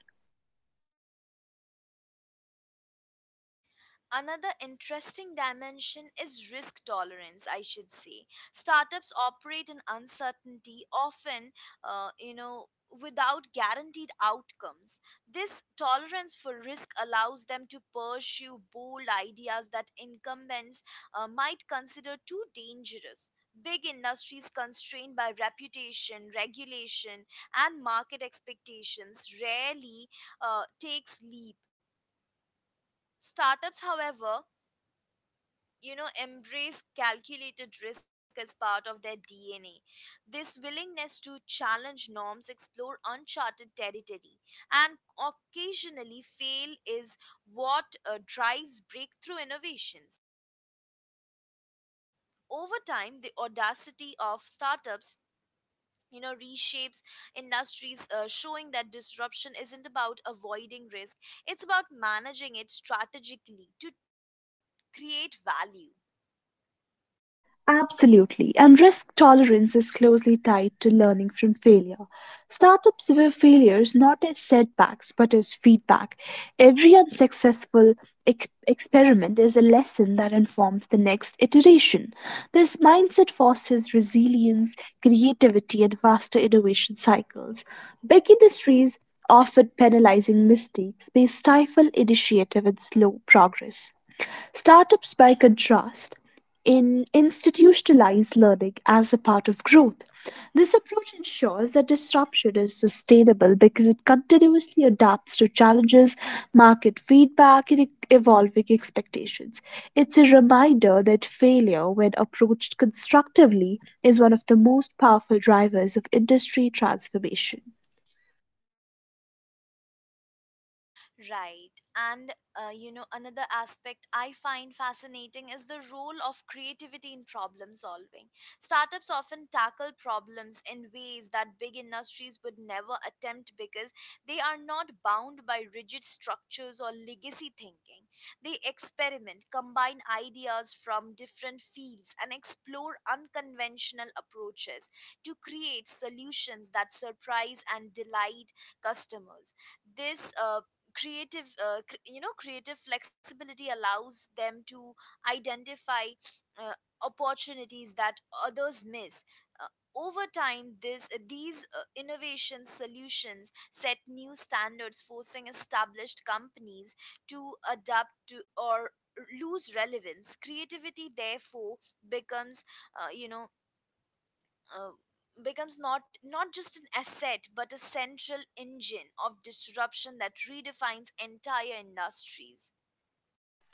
[SPEAKER 1] Another interesting dimension is risk tolerance, I should say. Startups operate in uncertainty, often, uh, you know, without guaranteed outcomes. This tolerance for risk allows them to pursue bold ideas that incumbents might consider too dangerous. Big industries constrained by reputation, regulation, and market expectations rarely takes leap. Startups, however, embrace calculated risk as part of their DNA. This willingness to challenge norms, explore uncharted territory, and occasionally fail is what drives breakthrough innovations. Over time, the audacity of startups, reshapes industries, showing that disruption isn't about avoiding risk, it's about managing it strategically to create value.
[SPEAKER 2] Absolutely, and risk tolerance is closely tied to learning from failure. Startups view failures not as setbacks but as feedback. Every unsuccessful experiment is a lesson that informs the next iteration. This mindset fosters resilience, creativity, and faster innovation cycles. Big industries often penalizing mistakes may stifle initiative and slow progress. Startups, by contrast, in institutionalize learning as a part of growth. This approach ensures that disruption is sustainable because it continuously adapts to challenges, market feedback, and evolving expectations. It's a reminder that failure, when approached constructively, is one of the most powerful drivers of industry transformation.
[SPEAKER 1] Right. And, another aspect I find fascinating is the role of creativity in problem solving. Startups often tackle problems in ways that big industries would never attempt because they are not bound by rigid structures or legacy thinking. They experiment, combine ideas from different fields, and explore unconventional approaches to create solutions that surprise and delight customers. This creative cr- you know creative flexibility allows them to identify uh, opportunities that others miss. Over time, this these innovation solutions set new standards, forcing established companies to adapt to or lose relevance. Creativity therefore becomes you know uh, becomes not just an asset but a central engine of disruption that redefines entire industries.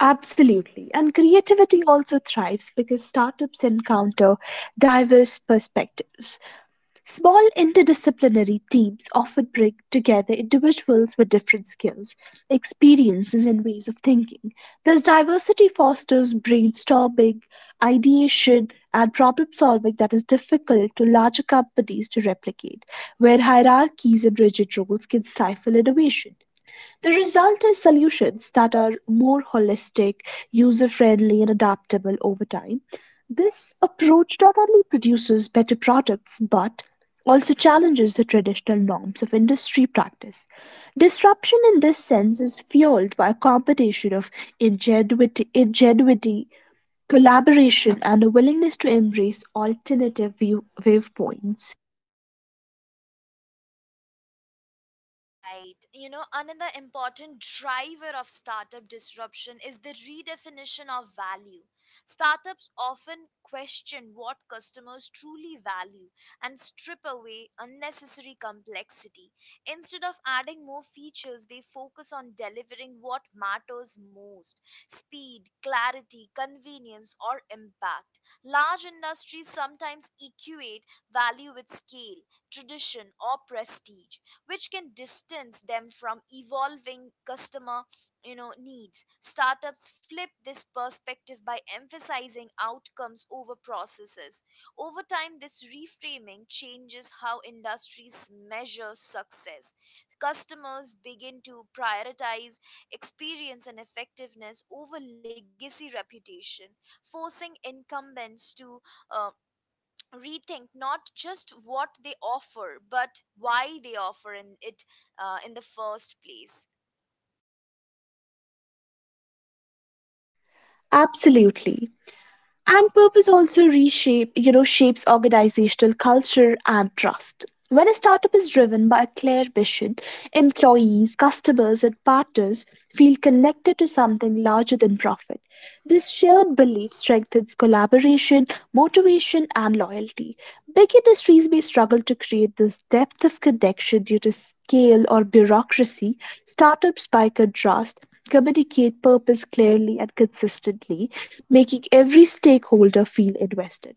[SPEAKER 2] Absolutely. And creativity also thrives because startups encounter diverse perspectives. Small interdisciplinary teams often bring together individuals with different skills, experiences, and ways of thinking. This diversity fosters brainstorming, ideation, and problem solving that is difficult to larger companies to replicate, where hierarchies and rigid roles can stifle innovation. The result is solutions that are more holistic, user friendly, and adaptable over time. This approach not only produces better products but also challenges the traditional norms of industry practice. Disruption in this sense is fueled by a combination of ingenuity collaboration, and a willingness to embrace viewpoints.
[SPEAKER 1] Right. You know, another important driver of startup disruption is the redefinition of value. Startups often question what customers truly value and strip away unnecessary complexity. Instead of adding more features, they focus on delivering what matters most: speed, clarity, convenience, or impact. Large industries sometimes equate value with scale, tradition, or prestige, which can distance them from evolving customer needs. Startups flip this perspective by emphasizing outcomes over processes. Over time, this reframing changes how industries measure success. Customers begin to prioritize experience and effectiveness over legacy reputation, forcing incumbents to uh, rethink not just what they offer but why they offer in it, in the first place.
[SPEAKER 2] Absolutely. And purpose also shapes organizational culture and trust. When a startup is driven by a clear vision, employees, customers, and partners feel connected to something larger than profit. This shared belief strengthens collaboration, motivation, and loyalty. Big industries may struggle to create this depth of connection due to scale or bureaucracy. Startups, by contrast, communicate purpose clearly and consistently making every stakeholder feel invested.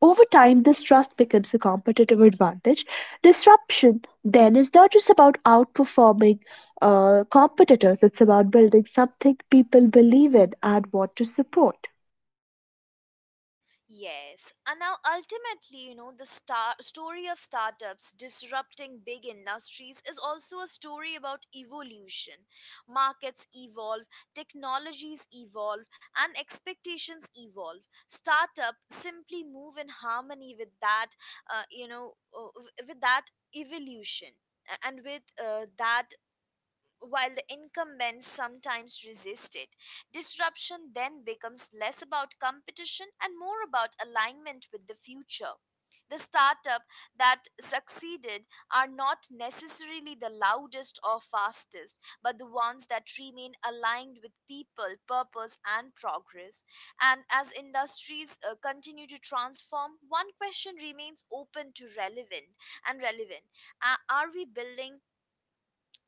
[SPEAKER 2] Over time, this trust becomes a competitive advantage. Disruption then is not just about outperforming competitors, it's about building something people believe in and want to support.
[SPEAKER 1] Yes, and now ultimately, the story of startups disrupting big industries is also a story about evolution. Markets evolve, technologies evolve, and expectations evolve. Startup simply move in harmony with that, with that evolution, and with that. While the incumbents sometimes resist it, disruption then becomes less about competition and more about alignment with the future. The startup that succeeded are not necessarily the loudest or fastest, but the ones that remain aligned with people, purpose, and progress. And as industries continue to transform, one question remains open to relevant. Are we building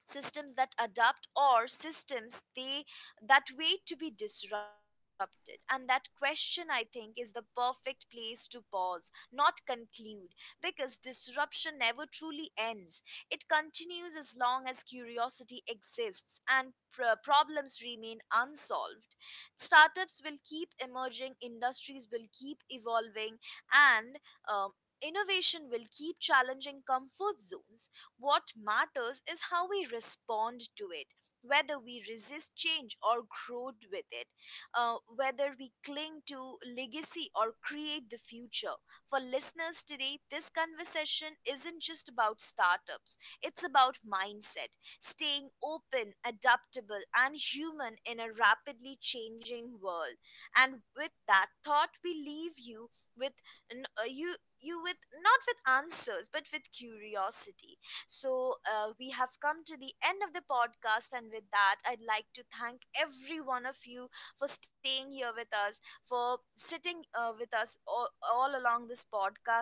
[SPEAKER 1] systems that adapt or systems they that wait to be disrupted? And that question, I think, is the perfect place to pause, not conclude, because disruption never truly ends. It continues as long as curiosity exists and problems remain unsolved. Startups will keep emerging, industries will keep evolving, and um, innovation will keep challenging comfort zones. What matters is how we respond to it, whether we resist change or grow with it, whether we cling to legacy or create the future. For listeners today, this conversation isn't just about startups, it's about mindset, staying open, adaptable, and human in a rapidly changing world. And with that thought, we leave you with n- you you with not with answers but with curiosity. So, we have come to the end of the podcast, and with that, I'd like to thank every one of you for staying here with us, for sitting with us all along this podcast.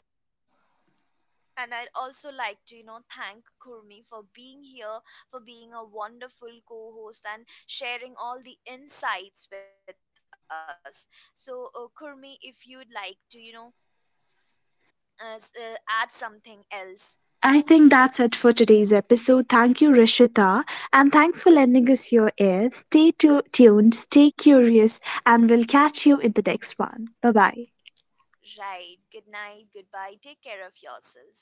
[SPEAKER 1] And I'd also like to, thank Kurmi for being here, for being a wonderful co host, and sharing all the insights with us. So, Kurmi, if you'd like to, add something else,
[SPEAKER 2] I think that's it for today's episode. Thank you, Rishita. And thanks for lending us your ear. Stay tuned, stay curious, and we'll catch you in the next one. Bye bye.
[SPEAKER 1] right? Good night, goodbye, take care of yourselves.